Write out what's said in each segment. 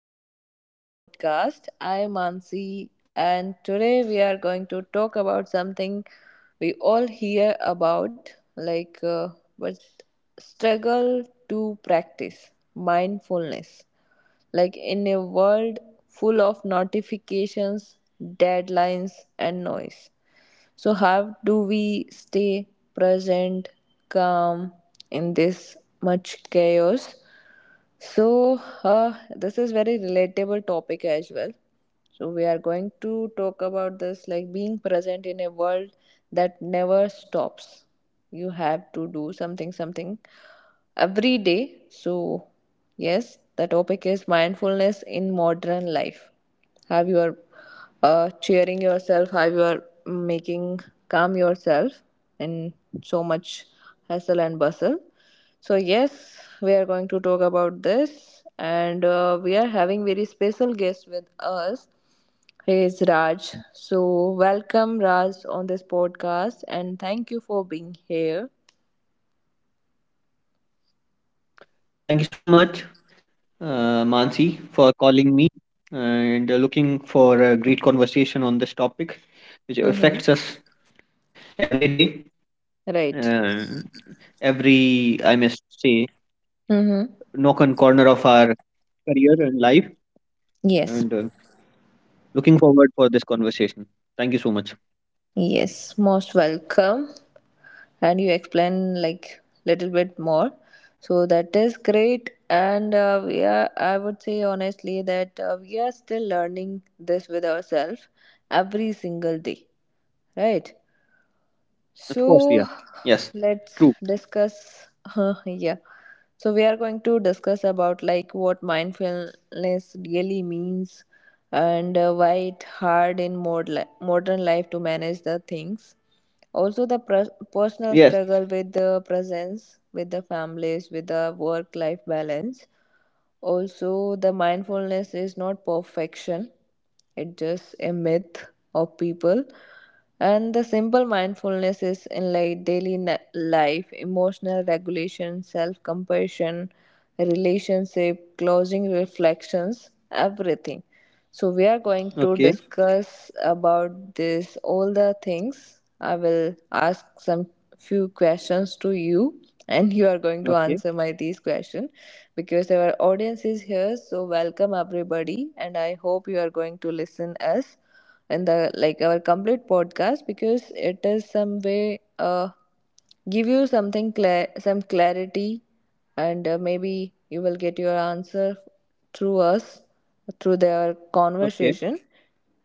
back to our new podcast. I'm Ansi, and today we are going to talk about something we all hear about, like but struggle to practice mindfulness. Like in a world full of notifications, deadlines, and noise. So how do we stay present, calm in this much chaos? So, this is very relatable topic as well. So, we are going to talk about this like being present in a world that never stops. You have to do something every day. So, yes, the topic is mindfulness in modern life. How you are cheering yourself, how you are making calm yourself in so much hustle and bustle. So, yes, we are going to talk about this, and we are having very special guest with us. He is Raj. So, welcome Raj on this podcast, and thank you for being here. Thank you so much, Mansi, for calling me and looking for a great conversation on this topic, which affects us every Mm-hmm. day, uh, every, Right. I must say, knock on corner of our Mm-hmm. career and life. And Yes. looking forward for this conversation. Thank you so much. Yes, most welcome. And you explain like little bit more. So that is great. And we are, I would say honestly that we are still learning this with ourselves every single day, right? Of course, yeah. Yes, So true. let's discuss. Yeah. So we are going to discuss about like what mindfulness really means and why it hard in modern life to manage the things. Also the pres Yes. personal struggle with the presence, with the families, with the work life balance. Also, the mindfulness is not perfection, it's just a myth of people. And the simple mindfulness is in like life, emotional regulation, self compassion, relationship, closing reflections, everything. So we are going to Okay. discuss about this all the things. I will ask some few questions to you and you are going to Okay. answer my these question because our audience is here, so welcome everybody and I hope you are going to listen us in the like our complete podcast because it is some way give you something clear, some clarity and maybe you will get your answer through us, through their Okay. conversation,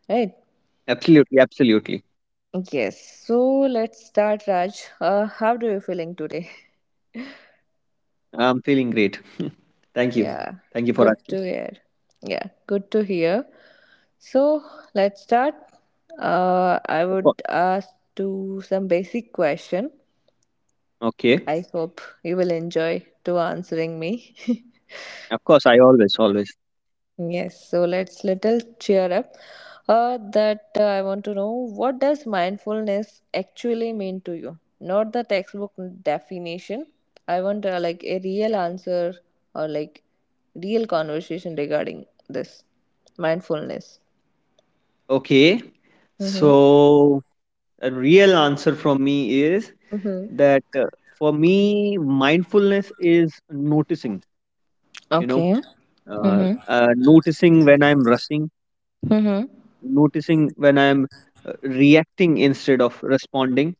right? Absolutely. Absolutely. Yes, so let's start, Raj. How do you feeling today? I'm feeling great. Thank you. Yeah, Thank you for good asking. to hear. Yeah, good to hear. So let's start. I Of course. would ask to some basic question. Okay. I hope you will enjoy to answering me. Of course, I always, always. Yes, so let's little cheer up. That I want to know, what does mindfulness actually mean to you? Not the textbook definition. I want like a real answer or like real conversation regarding this mindfulness. Okay. Mm-hmm. So, a real answer from me is Mm-hmm. that, for me, mindfulness is noticing, you know, Okay. Mm-hmm. Noticing when I'm rushing, Mm-hmm. noticing when I'm reacting instead of responding,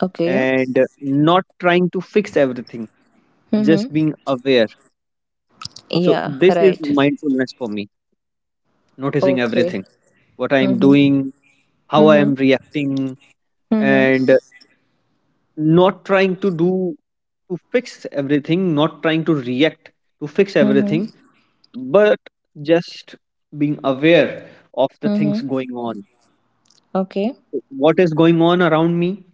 Okay. and not trying to fix everything, just Mm-hmm. being aware. So, Yeah. this is Right. mindfulness for me, noticing Okay. everything, what I'm Mm-hmm. doing, how I Mm-hmm. am reacting, Mm-hmm. and not trying to do to fix everything, not trying to react to fix everything, Mm-hmm. but just being aware of the things Mm-hmm. going on. Okay. What is going on around me,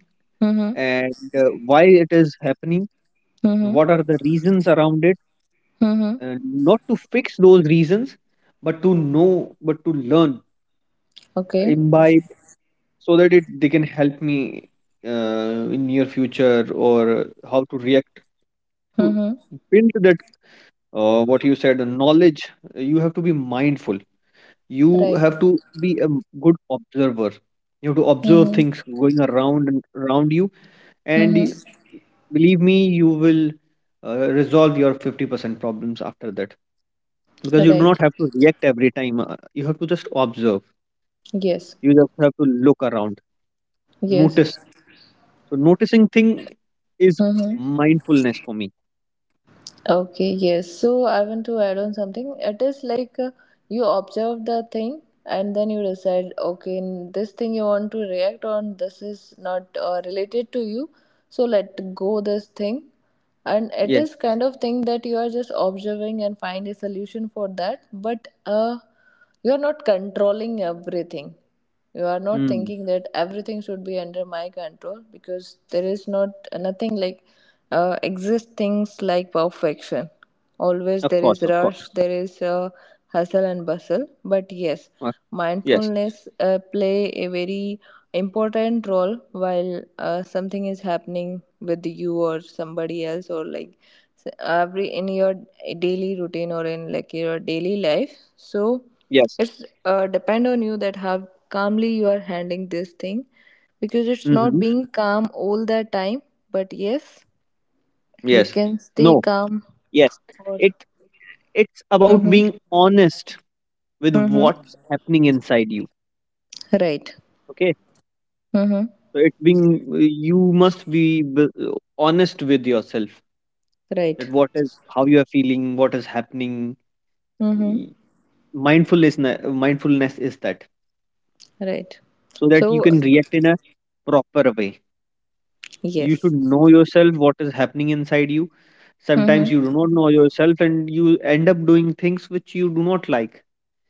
Mm-hmm. and why it is happening? Mm-hmm. What are the reasons around it? Mm-hmm. And not to fix those reasons, but to know, but to learn, Okay. imbibe, so that it they can help me, uh, in near future, or how to react, to Mm-hmm. build that, what you said, the knowledge. You have to be mindful. You Right. have to be a good observer. You have to observe Mm-hmm. things going around and around you, and Mm-hmm. believe me, you will resolve your 50% problems after that, because you do Right. not have to react every time. You have to just observe. Yes. You just have to look around, Yes. notice. So noticing thing is Mm-hmm. mindfulness for me. Okay. Yes. So I want to add on something. It is like you observe the thing and then you decide, okay, this thing you want to react on, this is not related to you. So let go this thing. And it Yeah. is kind of thing that you are just observing and find a solution for that. But you are not controlling everything, you are not Mm. thinking that everything should be under my control because there is not nothing like exist things like perfection. Always Of there course. is Of course. rush, there is hustle and bustle, but yes, Uh, yes. mindfulness play a very important role while something is happening with you or somebody else or like every in your daily routine or in like your daily life. So Yes. it's depend on you that how calmly you are handling this thing, because it's not Hmm. being calm all the time, but yes, you Yes. can stay No. calm Yes, or it it's about mm-hmm, being honest with mm-hmm, what's happening inside you. right Okay, mm-hmm, so it's being you must be honest with yourself, that right what is how you are feeling, what is happening. mm-hmm. Y- mindfulness is that, Right. so that you So, can react in a proper way. You should yes. know yourself what is happening inside you. Sometimes you Mm-hmm. do not know yourself, and you end up doing things which you do not like,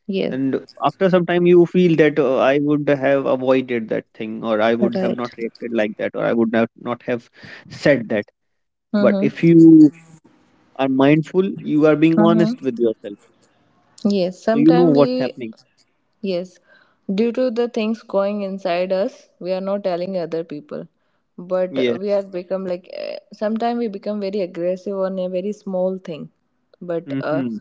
Yes. and after some time you feel that, I would have avoided that thing, or I would have Right. not reacted like that, or I would not, not have said that. But if Mm-hmm. you are mindful you are being Mm-hmm. honest with yourself, Yes. so you know what's happening. Yes, due to the things going inside us, we are not telling other people. But we Yes. are become like, sometimes we become very aggressive on a very small thing. But Mm-hmm.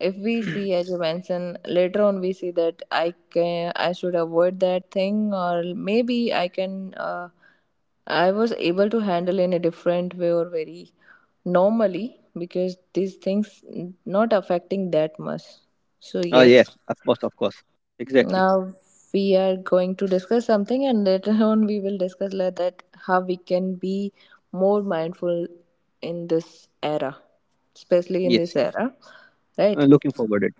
if we see as you mentioned later on, we see that I can, I should avoid that thing, or maybe I can I was able to handle in a different way or very normally because these things not affecting that much. So Yes, yes, of course, of course, exactly. now we are going to discuss something and later on we will discuss like that how we can be more mindful in this era, especially in Yes, this yes. era, right? Looking forward it.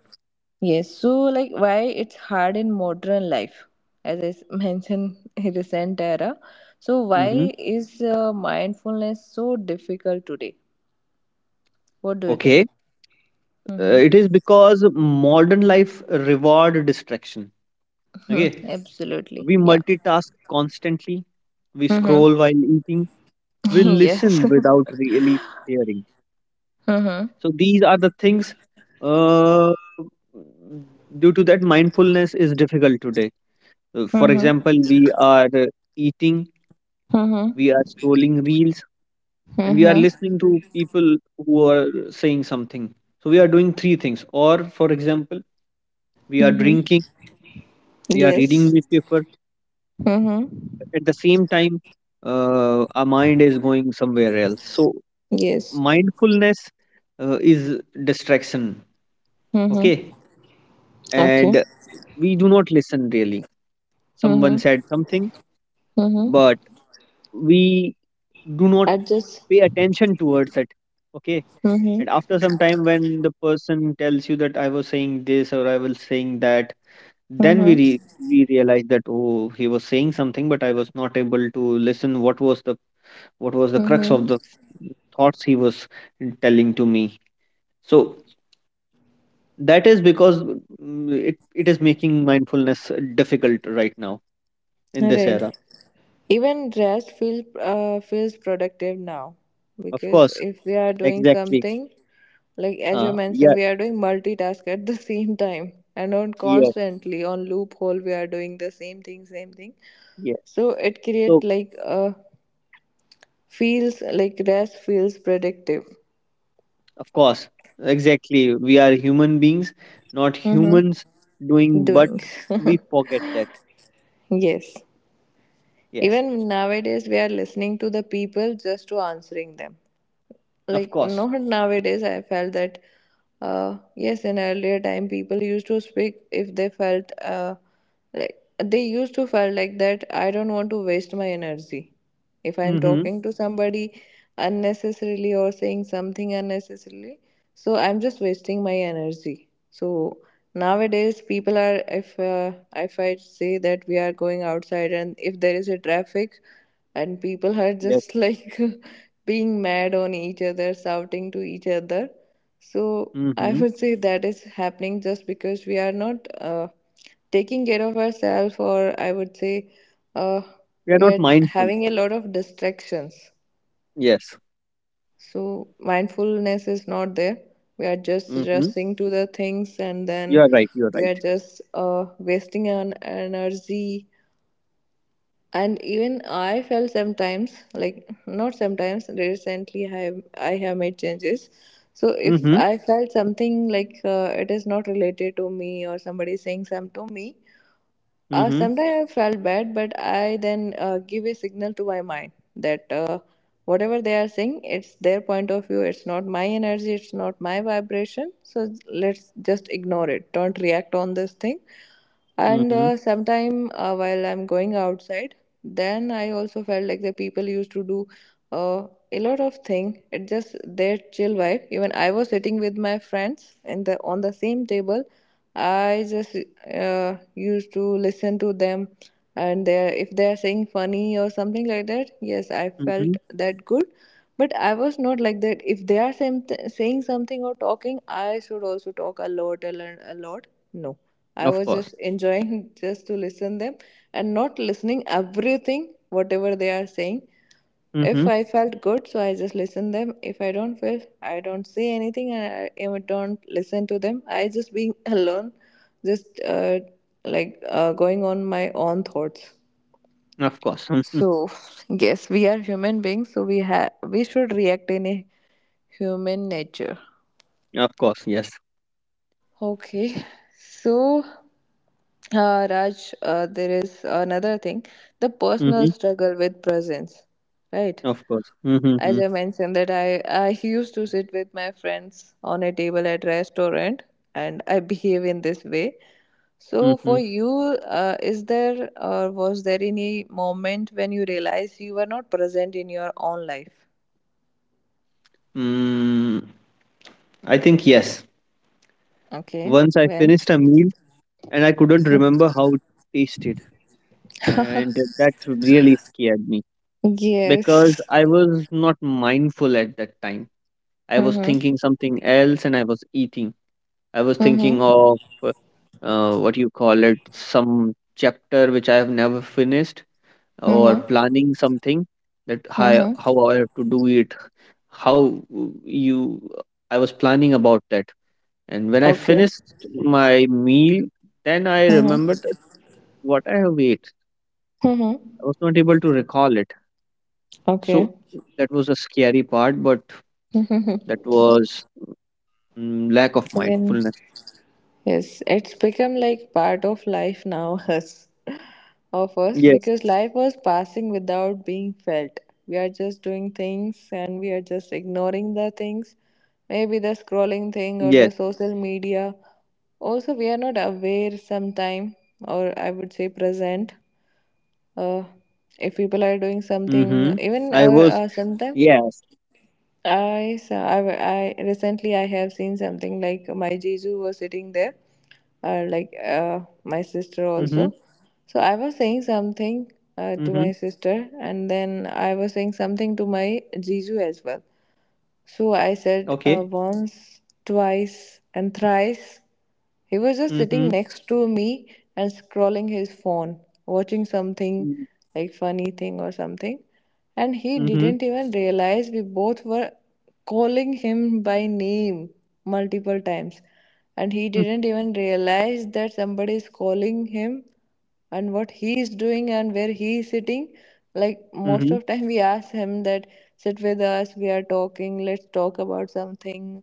Yes, so like why it's hard in modern life, as I mentioned, in recent era. So Mm-hmm. why is mindfulness so difficult today? What do you Okay. think? Mm-hmm. It is because modern life reward distraction. Okay. Absolutely. We Yeah. multitask constantly. We Mm-hmm. scroll while eating. We Yes. listen without really hearing. Mm-hmm. So these are the things. Uh, due to that, mindfulness is difficult today. For Mm-hmm. example, we are eating, we are Mm-hmm. scrolling reels, and we are Mm-hmm. listening to people who are saying something. So we are doing three things. Or, for example, we are Mm-hmm. drinking, we are reading Yes. newspaper. Mm-hmm. At the same time, our mind is going somewhere else. So Yes. mindfulness is distraction. Mm-hmm. Okay. Okay. And we do not listen really. Someone Mm-hmm. said something, Mm-hmm. but we do not I just. pay attention towards it. Okay. Mm-hmm. And after some time, when the person tells you that I was saying this or I was saying that, then Mm-hmm. we realize that, oh, he was saying something, but I was not able to listen. What was the crux Mm-hmm. of the thoughts he was telling to me? So that is because it is making mindfulness difficult right now in All this right. era. Even rest feels productive now Of because course, if we are doing exactly. something, like as you Yeah, mentioned, we are doing multitask at the same time and on yeah, constantly on loophole, we are doing the same thing. yeah. So it So, create like a feels like rest feels productive. of course, exactly. We are human beings, not Mm-hmm. humans doing, but Doing. we forget that. Yes. Yes, Even nowadays, we are listening to the people just to answering them. of Like course. not nowadays I felt that, yes, in earlier time people used to speak if they felt like they used to felt like that I don't want to waste my energy if I'm Mm-hmm. talking to somebody unnecessarily or saying something unnecessarily, so I'm just wasting my energy. So nowadays people are, if I say that we are going outside and if there is a traffic and people are Yes. just like being mad on each other, shouting to each other. So I Mm-hmm. would say that is happening just because we are not taking care of ourselves, or I would say uh, We are we not are mindful. having a lot of distractions. Yes. So mindfulness is not there. We are just Mm-hmm. rushing to the things, and You then are right. You are we are right. just wasting our energy. And even I felt sometimes like, not sometimes, recently I have, I have made changes. So if Mm-hmm. I felt something like it is not related to me or somebody is saying something to me, Mm-hmm. sometimes I felt bad, but I then give a signal to my mind that whatever they are saying, it's their point of view, it's not my energy, it's not my vibration. So let's just ignore it. Don't react on this thing. And Mm-hmm. Sometime while I'm going outside, then I also felt like the people used to do a lot of thing. It just their chill vibe. Even I was sitting with my friends in the on the same table. I just used to listen to them, and they if they are saying funny or something like that. Yes, I felt Mm-hmm. that good. But I was not like that. If they are saying something or talking, I should also talk a lot and learn a lot. No, I Of was just course. enjoying just to listen them and not listening everything whatever they are saying. If Mm-hmm. I felt good, so I just listen them. If I don't feel, I don't say anything, and I even don't listen to them. I just being alone, just going on my own thoughts. Of course. Mm-hmm. So yes, we are human beings, so we have we should react in a human nature. Of course. Yes. Okay, so Raj, there is another thing: the personal Mm-hmm. struggle with presence, right? Of course. Mm-hmm. As Mm-hmm. I mentioned that I used to sit with my friends on a table at restaurant and I behave in this way. So for Mm-hmm. you, is there or was there any moment when you realized you were not present in your own life? Mm. I think yes. Okay, Once I when? finished a meal and I couldn't remember how it tasted, and that really scared me because Yes. I was not mindful at that time. I was Mhm. thinking something else and I was eating. I was thinking Mhm. of, uh, what you call it, some chapter which I have never finished, or Mhm. planning something, that how Mhm. how I have to do it, how you I was planning about that. And when I Okay. finished my meal, then I Mhm. remembered what I have ate, Mhm. I was not able to recall it. Okay. So that was a scary part, but that was, lack of When? mindfulness. Yes, it's become like part of life now, us of us, Yes, because life was passing without being felt. We are just doing things and we are just ignoring the things. Maybe the yes. scrolling thing or the social media. Also, we are not aware sometime, or I would say present. Uh, Mm-hmm. I if was, people are doing yes. something, even sometime I recently I have seen something like my Jeju was sitting there or like Mm-hmm. My sister also. So I was Mm-hmm. saying something to my sister, and then I was saying something to my Jiju as well. So Okay. I said once, twice, and thrice. He was Mm-hmm. just sitting next to me and scrolling his phone, watching something like funny thing or something. And he Mm-hmm. didn't even realize we both were calling him by name multiple times. And he didn't even realize that somebody is calling him and what he is doing and where he is sitting, like Mm-hmm. most of time we ask him that sit with us, we are talking, let's talk about something,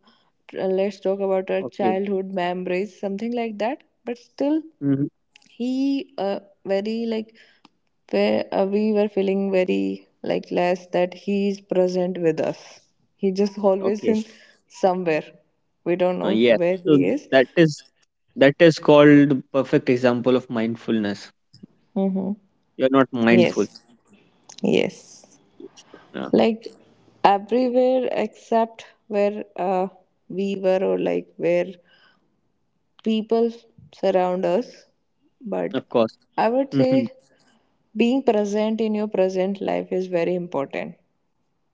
let's talk about our Okay. childhood memories, something like that. But still Mm-hmm. he uh, very like, where we were feeling very like less that he is present with us. He just always Okay. in somewhere, we don't know Yes. where So he is. that is that is called the perfect example of mindfulness. Mm-hmm. You're not mindful. Yes, yes, Yes. Uh, like everywhere except where we were, or like where people surround us. But of course. I would say Mm-hmm. being present in your present life is very important,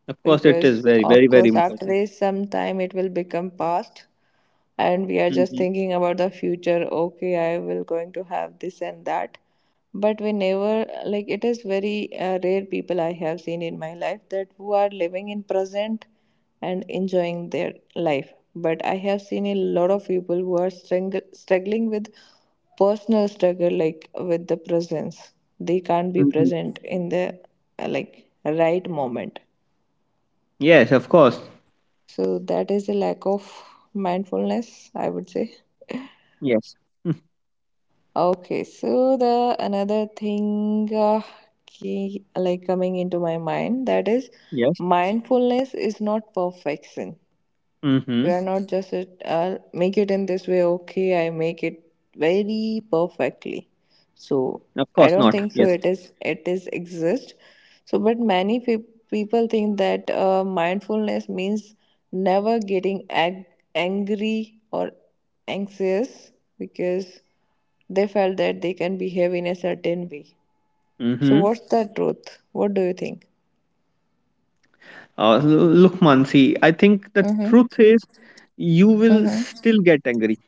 Of course, it is because very, very, of very course after important. a some time it will become past and we are just Mm-hmm. thinking about the future, okay I will going to have this and that. But we never like, it is very rare people I have seen in my life that who are living in present and enjoying their life, but I have seen a lot of people who are struggling with personal struggle, like with the presence. They can't be Mm-hmm. present in the like right moment. Yes, of course. So that is a lack of mindfulness, I would say. Yes. Okay, so the another thing key, like coming into my mind, that is Yes. mindfulness is not perfection. We Mm-hmm. are not just it, I'll make it in this way, okay, I make it very perfectly. So Of I course don't not. think so Yes. it is exist. So but people think that mindfulness means never getting ag- angry or anxious, because they felt that they can behave in a certain way. So Mm-hmm. what's the truth? What do you think? Look, Mansi, I think the truth Mm-hmm. is, you will Mm-hmm. still get angry.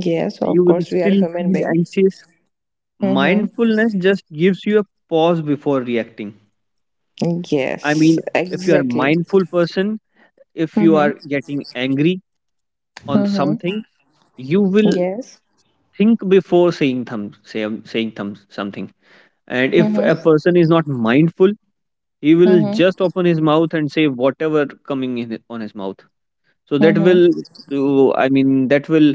Yes, You of will course we are still human feel being. anxious. Mm-hmm. Mindfulness just gives you a pause before reacting. I Yes, mean, if you are a exactly. mindful person, if you are Mm-hmm. getting angry on Mm-hmm. something, you will Yes. think before saying thum say, saying thum something. And if Mm-hmm. a person is not mindful, he will Mm-hmm. just open his mouth and say whatever coming in on his mouth. So that Mm-hmm. will, I mean, that will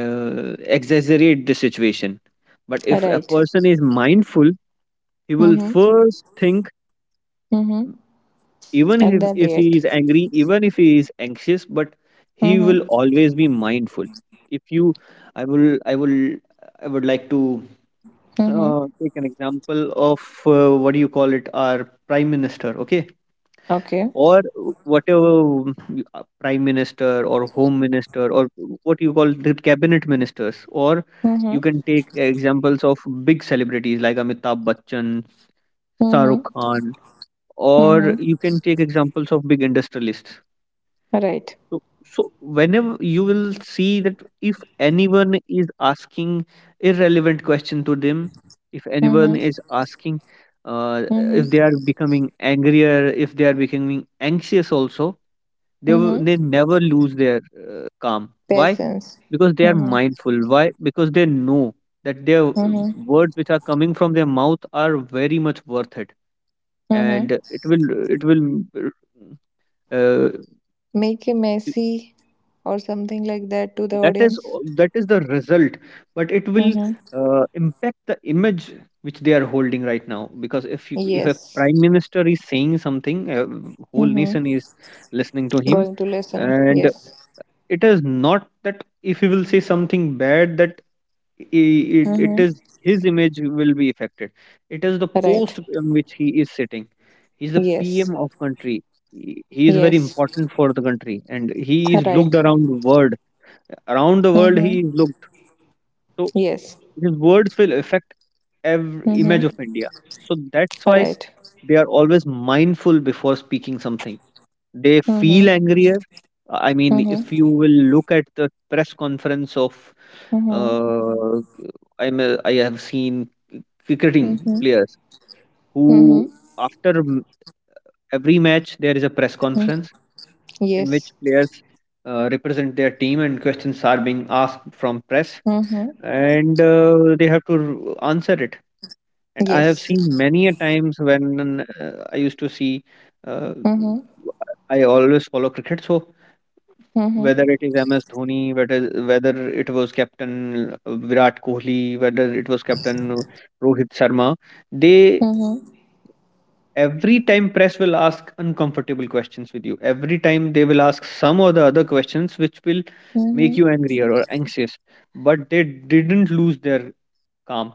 exaggerate the situation. But if a Right. person is mindful, he will Mm-hmm. first think, Mm-hmm. even And if, then if he react. is angry, even if he is anxious, but he will Mm-hmm. always be mindful. If you, I will, I will, I would like to, Mm-hmm. Take an example of, what do you call it, our prime minister. Okay, Okay. or whatever, prime minister, or home minister, or what you call, the cabinet ministers, or you Mm-hmm. can take examples of big celebrities like Amitabh Bachchan, Shahrukh Mm-hmm. Khan, or Mm-hmm. you can take examples of big industrialists. Right. So, so whenever you will see, that if anyone is asking irrelevant question to them, if anyone is Mm-hmm. asking, uh, if they Mm-hmm. are becoming angrier, if they are becoming anxious also, they they Mm-hmm. never lose their calm. Why? Patience. Because they are Mm-hmm. mindful. Why? Because they know that their, Mm-hmm. words which are coming from their mouth are very much worth it, and Mm-hmm. It will uh, Make a messy or something like that to the that is audience. that is the result, but it will Mm-hmm. Impact the image which they are holding right now. Because if a Yes. prime minister is saying something, whole Mm-hmm. nation is listening to him, Going to listen. and Yes. it is not that if he will say something bad, that it Mm-hmm. is, his image will be affected. It is the Right. post on which he is sitting. He's the Yes. PM of country. He is very Yes. important for the country, and he is looked Right. around the world. Around the world he Mm-hmm. is looked. So Yes. his words will affect every image Mm-hmm. of India. So that's why Right. they are always mindful before speaking something. They feel Mm-hmm. angrier. I mean, if you Mm-hmm. will look at the press conference of. Mm-hmm. Uh, I have seen cricketing Mm-hmm. players who, Mm-hmm. after m- every match, there is a press Mm-hmm. conference in which Yes. players represent their team and questions are being asked from press, Mm-hmm. and they have to answer it. And I have seen Yes. many a times when, I used to see. Uh, Mm-hmm. I always follow cricket, so Mm-hmm. whether it is MS Dhoni, whether it was Captain Virat Kohli, whether it was Captain Rohit Sharma, they, Mm-hmm. every time press will ask uncomfortable questions with you. Every time they will ask some or the other questions which will make Mm-hmm. you angrier or anxious. But they didn't lose their calm.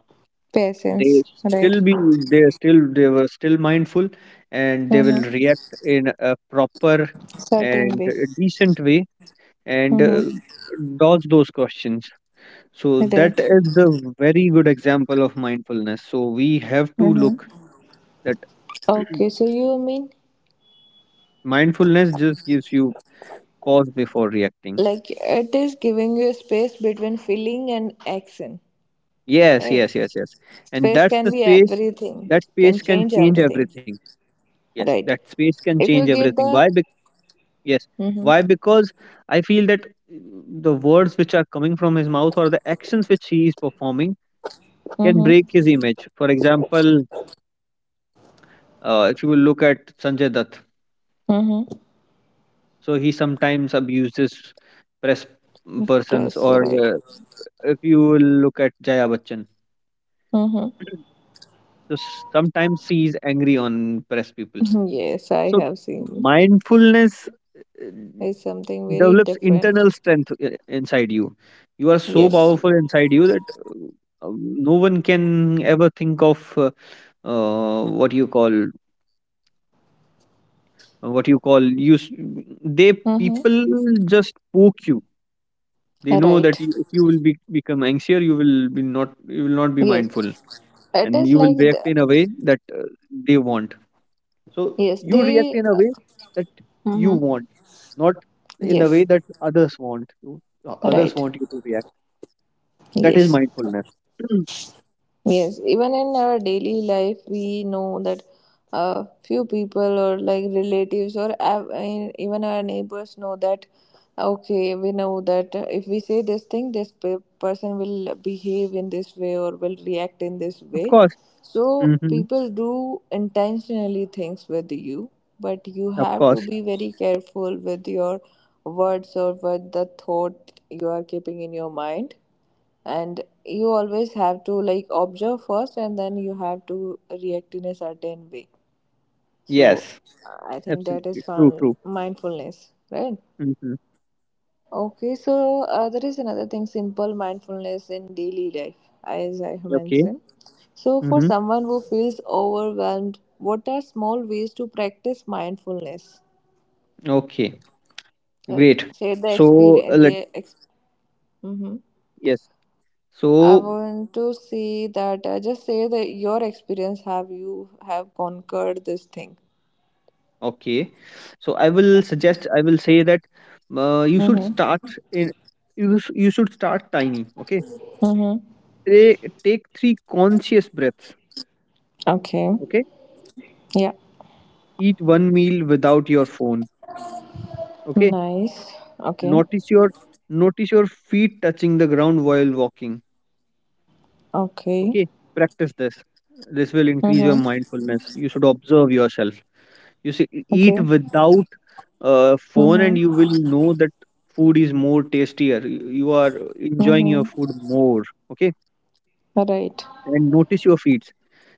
They Patience. Right. still be they were still mindful, and they will Mm-hmm. react in a proper Certain and way. a decent way, and Mm-hmm. dodge those questions. So that Right. is the very good example of mindfulness. So we have to look Mm-hmm. that Okay. So you mean mindfulness just gives you pause before reacting. like it is giving you a space between feeling and action, Yes, right? yes, yes, yes. And Space that's can the be space. everything, That can space can change change everything. everything. Yes, Right. that space can If change you get everything. the Why? Yes. mm-hmm, Why? Because I feel that, the words which are coming from his mouth, or the actions which he is performing, can Mm-hmm. break his image. For example, if you will look at Sanjay Dutt, Mm-hmm. so he sometimes abuses press persons, Press, or, right. If you look at Jaya Bachchan, Mm-hmm. so sometimes she is angry on press people. Yes, I So have seen. mindfulness uh, It's something very develops different. internal strength inside you. You are so Yes. powerful inside you that, no one can ever think of, uh, what you call what you call you. They Mm-hmm. people just poke you. They know Right. that you, if you will be, become anxious, you will not be Yes. mindful, It and is you will like react the in a way that they want. So yes, you react they in a way that you mm-hmm. want, not in a way Yes. that others want you. Others Right. want you to react. That is Yes. mindfulness. Mm, Yes, even in our daily life, we know that few people, or like relatives, or even our neighbors know that okay, we know that if we say this thing, this person will behave in this way or will react in this of way. course. So Hmm. people do intentionally things with you, but you Of have to course. be very careful with your words or with the thought you are keeping in your mind, and you always have to like observe first and then you have to react in a certain way. So Yes. I think that Absolutely. is True. fun True. mindfulness, right? Hmm. Okay, so there is another thing, simple mindfulness in daily life, as I have Okay. mentioned. So for Hmm. someone who feels overwhelmed, what are small ways to practice mindfulness, Okay. like Great. share the So experience? let Yeah, ex- Mm-hmm. yes. I So want to see that. Just say that your experience. Have you have conquered this thing? okay. So I will Yeah. suggest, I will say that you should Mhm. start in you should start tiny. Okay. Mhm. Take three conscious breaths. Okay. Okay. Yeah. Eat one meal without your phone. Okay. Nice. Okay. Notice your Notice your feet touching the ground while walking. Okay. Okay. Practice this. This will increase your Mhm. mindfulness. You should observe yourself. You see eat Okay. without phone, and you Mhm. will know that food is more tastier, you are enjoying your Mhm. food more, okay, Right. and notice your feeds.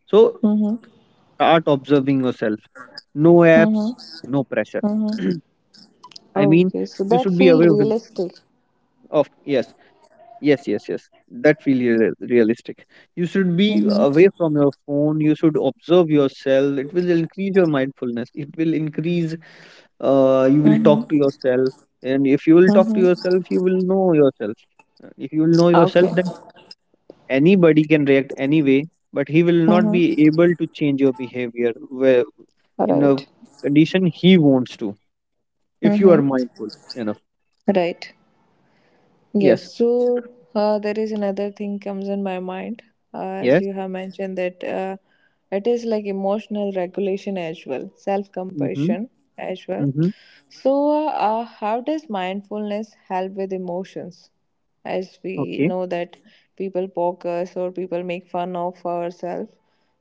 So Mhm. start observing yourself. No apps, Mhm. no pressure. Mhm. I mean, Okay. So you that should be feel realistic. of, yes, yes, yes, yes, that feel realistic. You should be Mhm. away from your phone, you should observe yourself, it will increase your mindfulness, it will increase, you will talk Mhm. to yourself, and if you will talk to Mhm. yourself you will know yourself. If you will know yourself, Okay. then anybody can react anyway, but he will not Mhm. be able to change your behavior, where in a Right. condition he wants to, if you are Mhm. mindful enough. Right. Yes, Yes, so there is another thing comes in my mind, uh, as yes. you have mentioned that it is like emotional regulation as well, Mm-hmm. self-compassion as well. Mm-hmm. So how does mindfulness help with emotions? As we Okay. know that people poke us or people make fun of ourselves.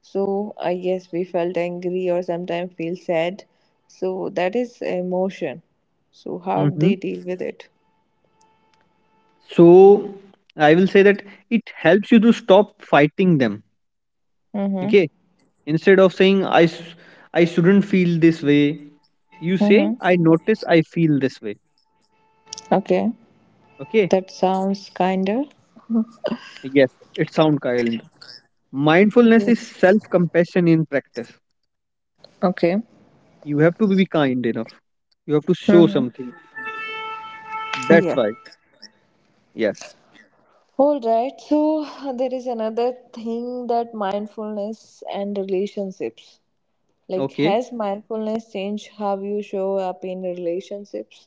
So yes, we felt angry or sometimes feel sad. So that is emotion. So how Mm-hmm. they deal with it. So I will say that it helps you to stop fighting them. Mm-hmm. Okay. Instead of saying I shouldn't feel this way, you say, Mm-hmm. I notice I feel this way. Okay. Okay, That sounds kinder. yes, it sounds kind. Mindfulness is self compassion in practice. Okay. You have to be kind enough. You have to show Mm-hmm. something. That's Yeah. why. Yes. All right. So there is another thing, that mindfulness and relationships. Like, Okay. has mindfulness changed how you show up in relationships?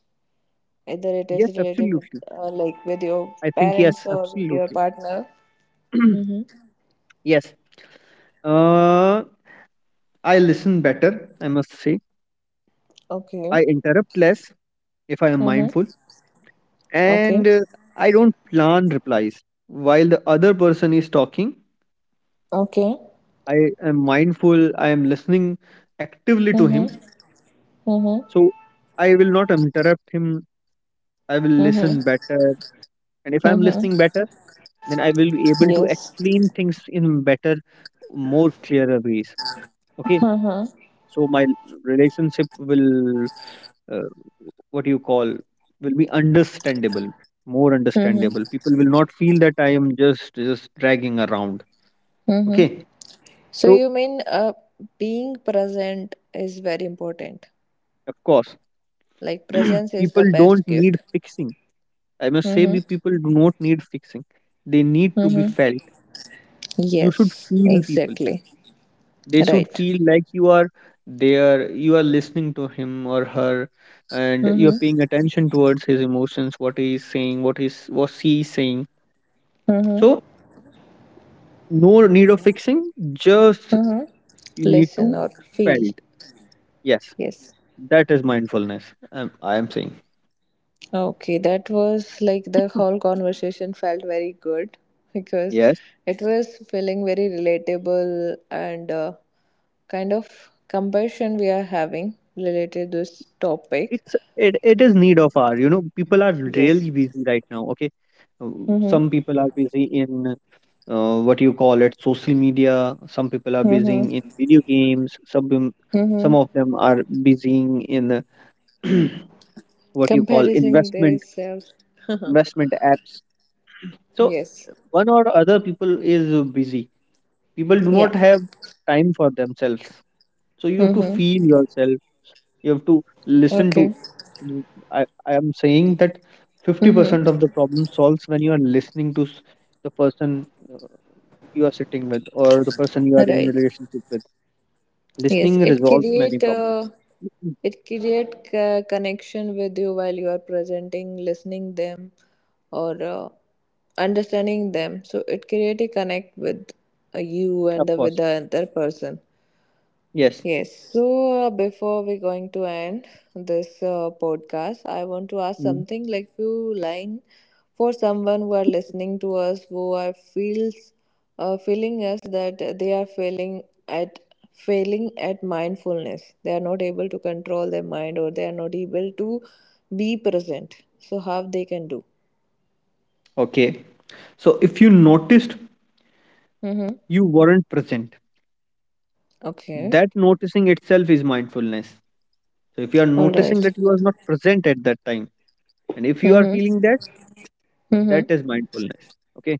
Either it is Yes, related with, absolutely. Like, with your I think yes, parents or with your absolutely. partner. Mm-hmm. Yes. Uh, I listen better, I must say. Okay. I interrupt less if I am mindful. Mm-hmm. And Okay. I don't plan replies. While the other person is talking, Okay. I am mindful, I am listening actively to him. Mm-hmm. Mm-hmm. So I will not interrupt him. I will listen Mm-hmm. better. And if I'm Mm-hmm. listening better, then I will be able to Yes. explain things in better, more clearer ways. Okay. Mm-hmm. So my relationship will, uh, what you call, will be understandable, more understandable. People will not feel that I am just dragging around. Mm-hmm. Okay. So So you mean being present is very important. of course, Like presence is the people best don't need gift. fixing. I must say, Mm-hmm. be people do not need fixing. They need to be felt. You should Yes, feel people. exactly. They should Right. feel like you are there, you are listening to him or her, and you're Mm-hmm. paying attention towards his emotions, what he is saying, what she is saying. Mm-hmm. So no need of fixing, just Mm-hmm. you need to Listen or feel. felt. Yes, Yes. that is mindfulness. I am saying. Okay, that was like the whole conversation felt very good because it was feeling very relatable, and kind of compassion we are having related to this topic. It is need of our you know people are Yes. really busy right now, okay. Uh, Mm-hmm. some people are busy in what you call it, social media, some people are busy in Mm-hmm. video games, Mm-hmm. some of them are busy in what you call Comparing investment, themselves. investment apps. So Yes. one or other people is busy, people do Yeah. not have time for themselves. So you have to feel Mm-hmm. yourself, you have to listen to. Okay. Mm, I am saying that 50% Mm-hmm. of the problem solves when you are listening to the person uh, you are sitting with, or the person you are in Right. relationship with. Yes. Listening It resolves many create problems. Mm. Connection with you while you are presenting, listening them, or understanding them. So it create a connect with you and Of with course. the other person. Yes. Yes. So before we're going to end this podcast, I want to ask Mm. something, like few line for someone who are listening to us, who are feels feeling us that they are failing at, failing at mindfulness. They are not able to control their mind, or they are not able to be present. So how they can do? Okay. So if you noticed Mm-hmm. you weren't present, Okay. that noticing itself is mindfulness. So if you are All noticing right. that you are not present at that time, and if you are Mm-hmm. feeling that, Mm-hmm. that is mindfulness. Okay.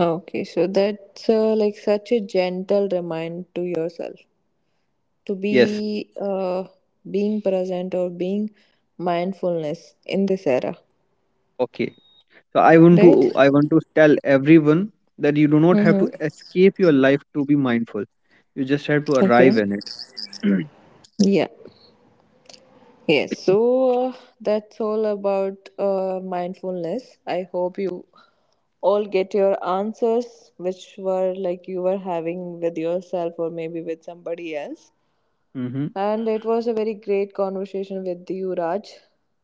Okay, so that's like such a gentle remind to yourself to Yes. be being present or being mindfulness in this era, Okay. So right? I want to tell everyone that you do not have Mm-hmm. to escape your life to be mindful. You just have to Okay. arrive in it. Yeah. Yes. So that's all about mindfulness. I hope you all get your answers, which were like you were having with yourself or maybe with somebody else. Hmm. And it was a very great conversation with you, Raj.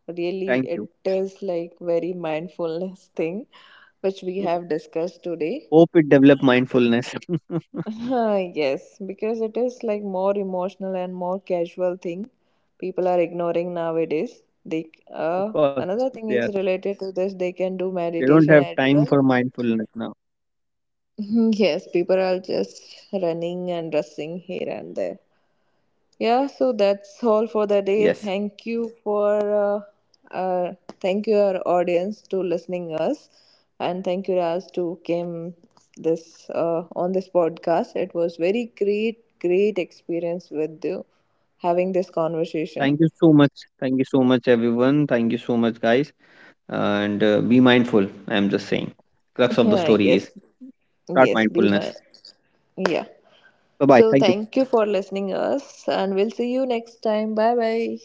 Really, Thank you. it is like very mindfulness thing which we Yeah. have discussed today. Hope it develop mindfulness. Yes, because it is like more emotional and more casual thing people are ignoring nowadays. They Of course, another we are. thing is related to this. We They don't can have do time for meditation as mindfulness now. well. Yes, people are just running and rushing here and there. Yeah, so Yes. that's all for the day. Thank you for uh, uh, thank you our audience to listening us, and thank you Raj to came this on this podcast. It was very great, great experience with you having this conversation. Thank you so much. Thank you so much, everyone. Thank you so much, guys. And be mindful. I am just saying. Crux of the Yeah, story yes, is start yes, be my mindfulness. yeah. Bye So bye. Thank thank you you. for listening us, and we'll see you next time. Bye bye.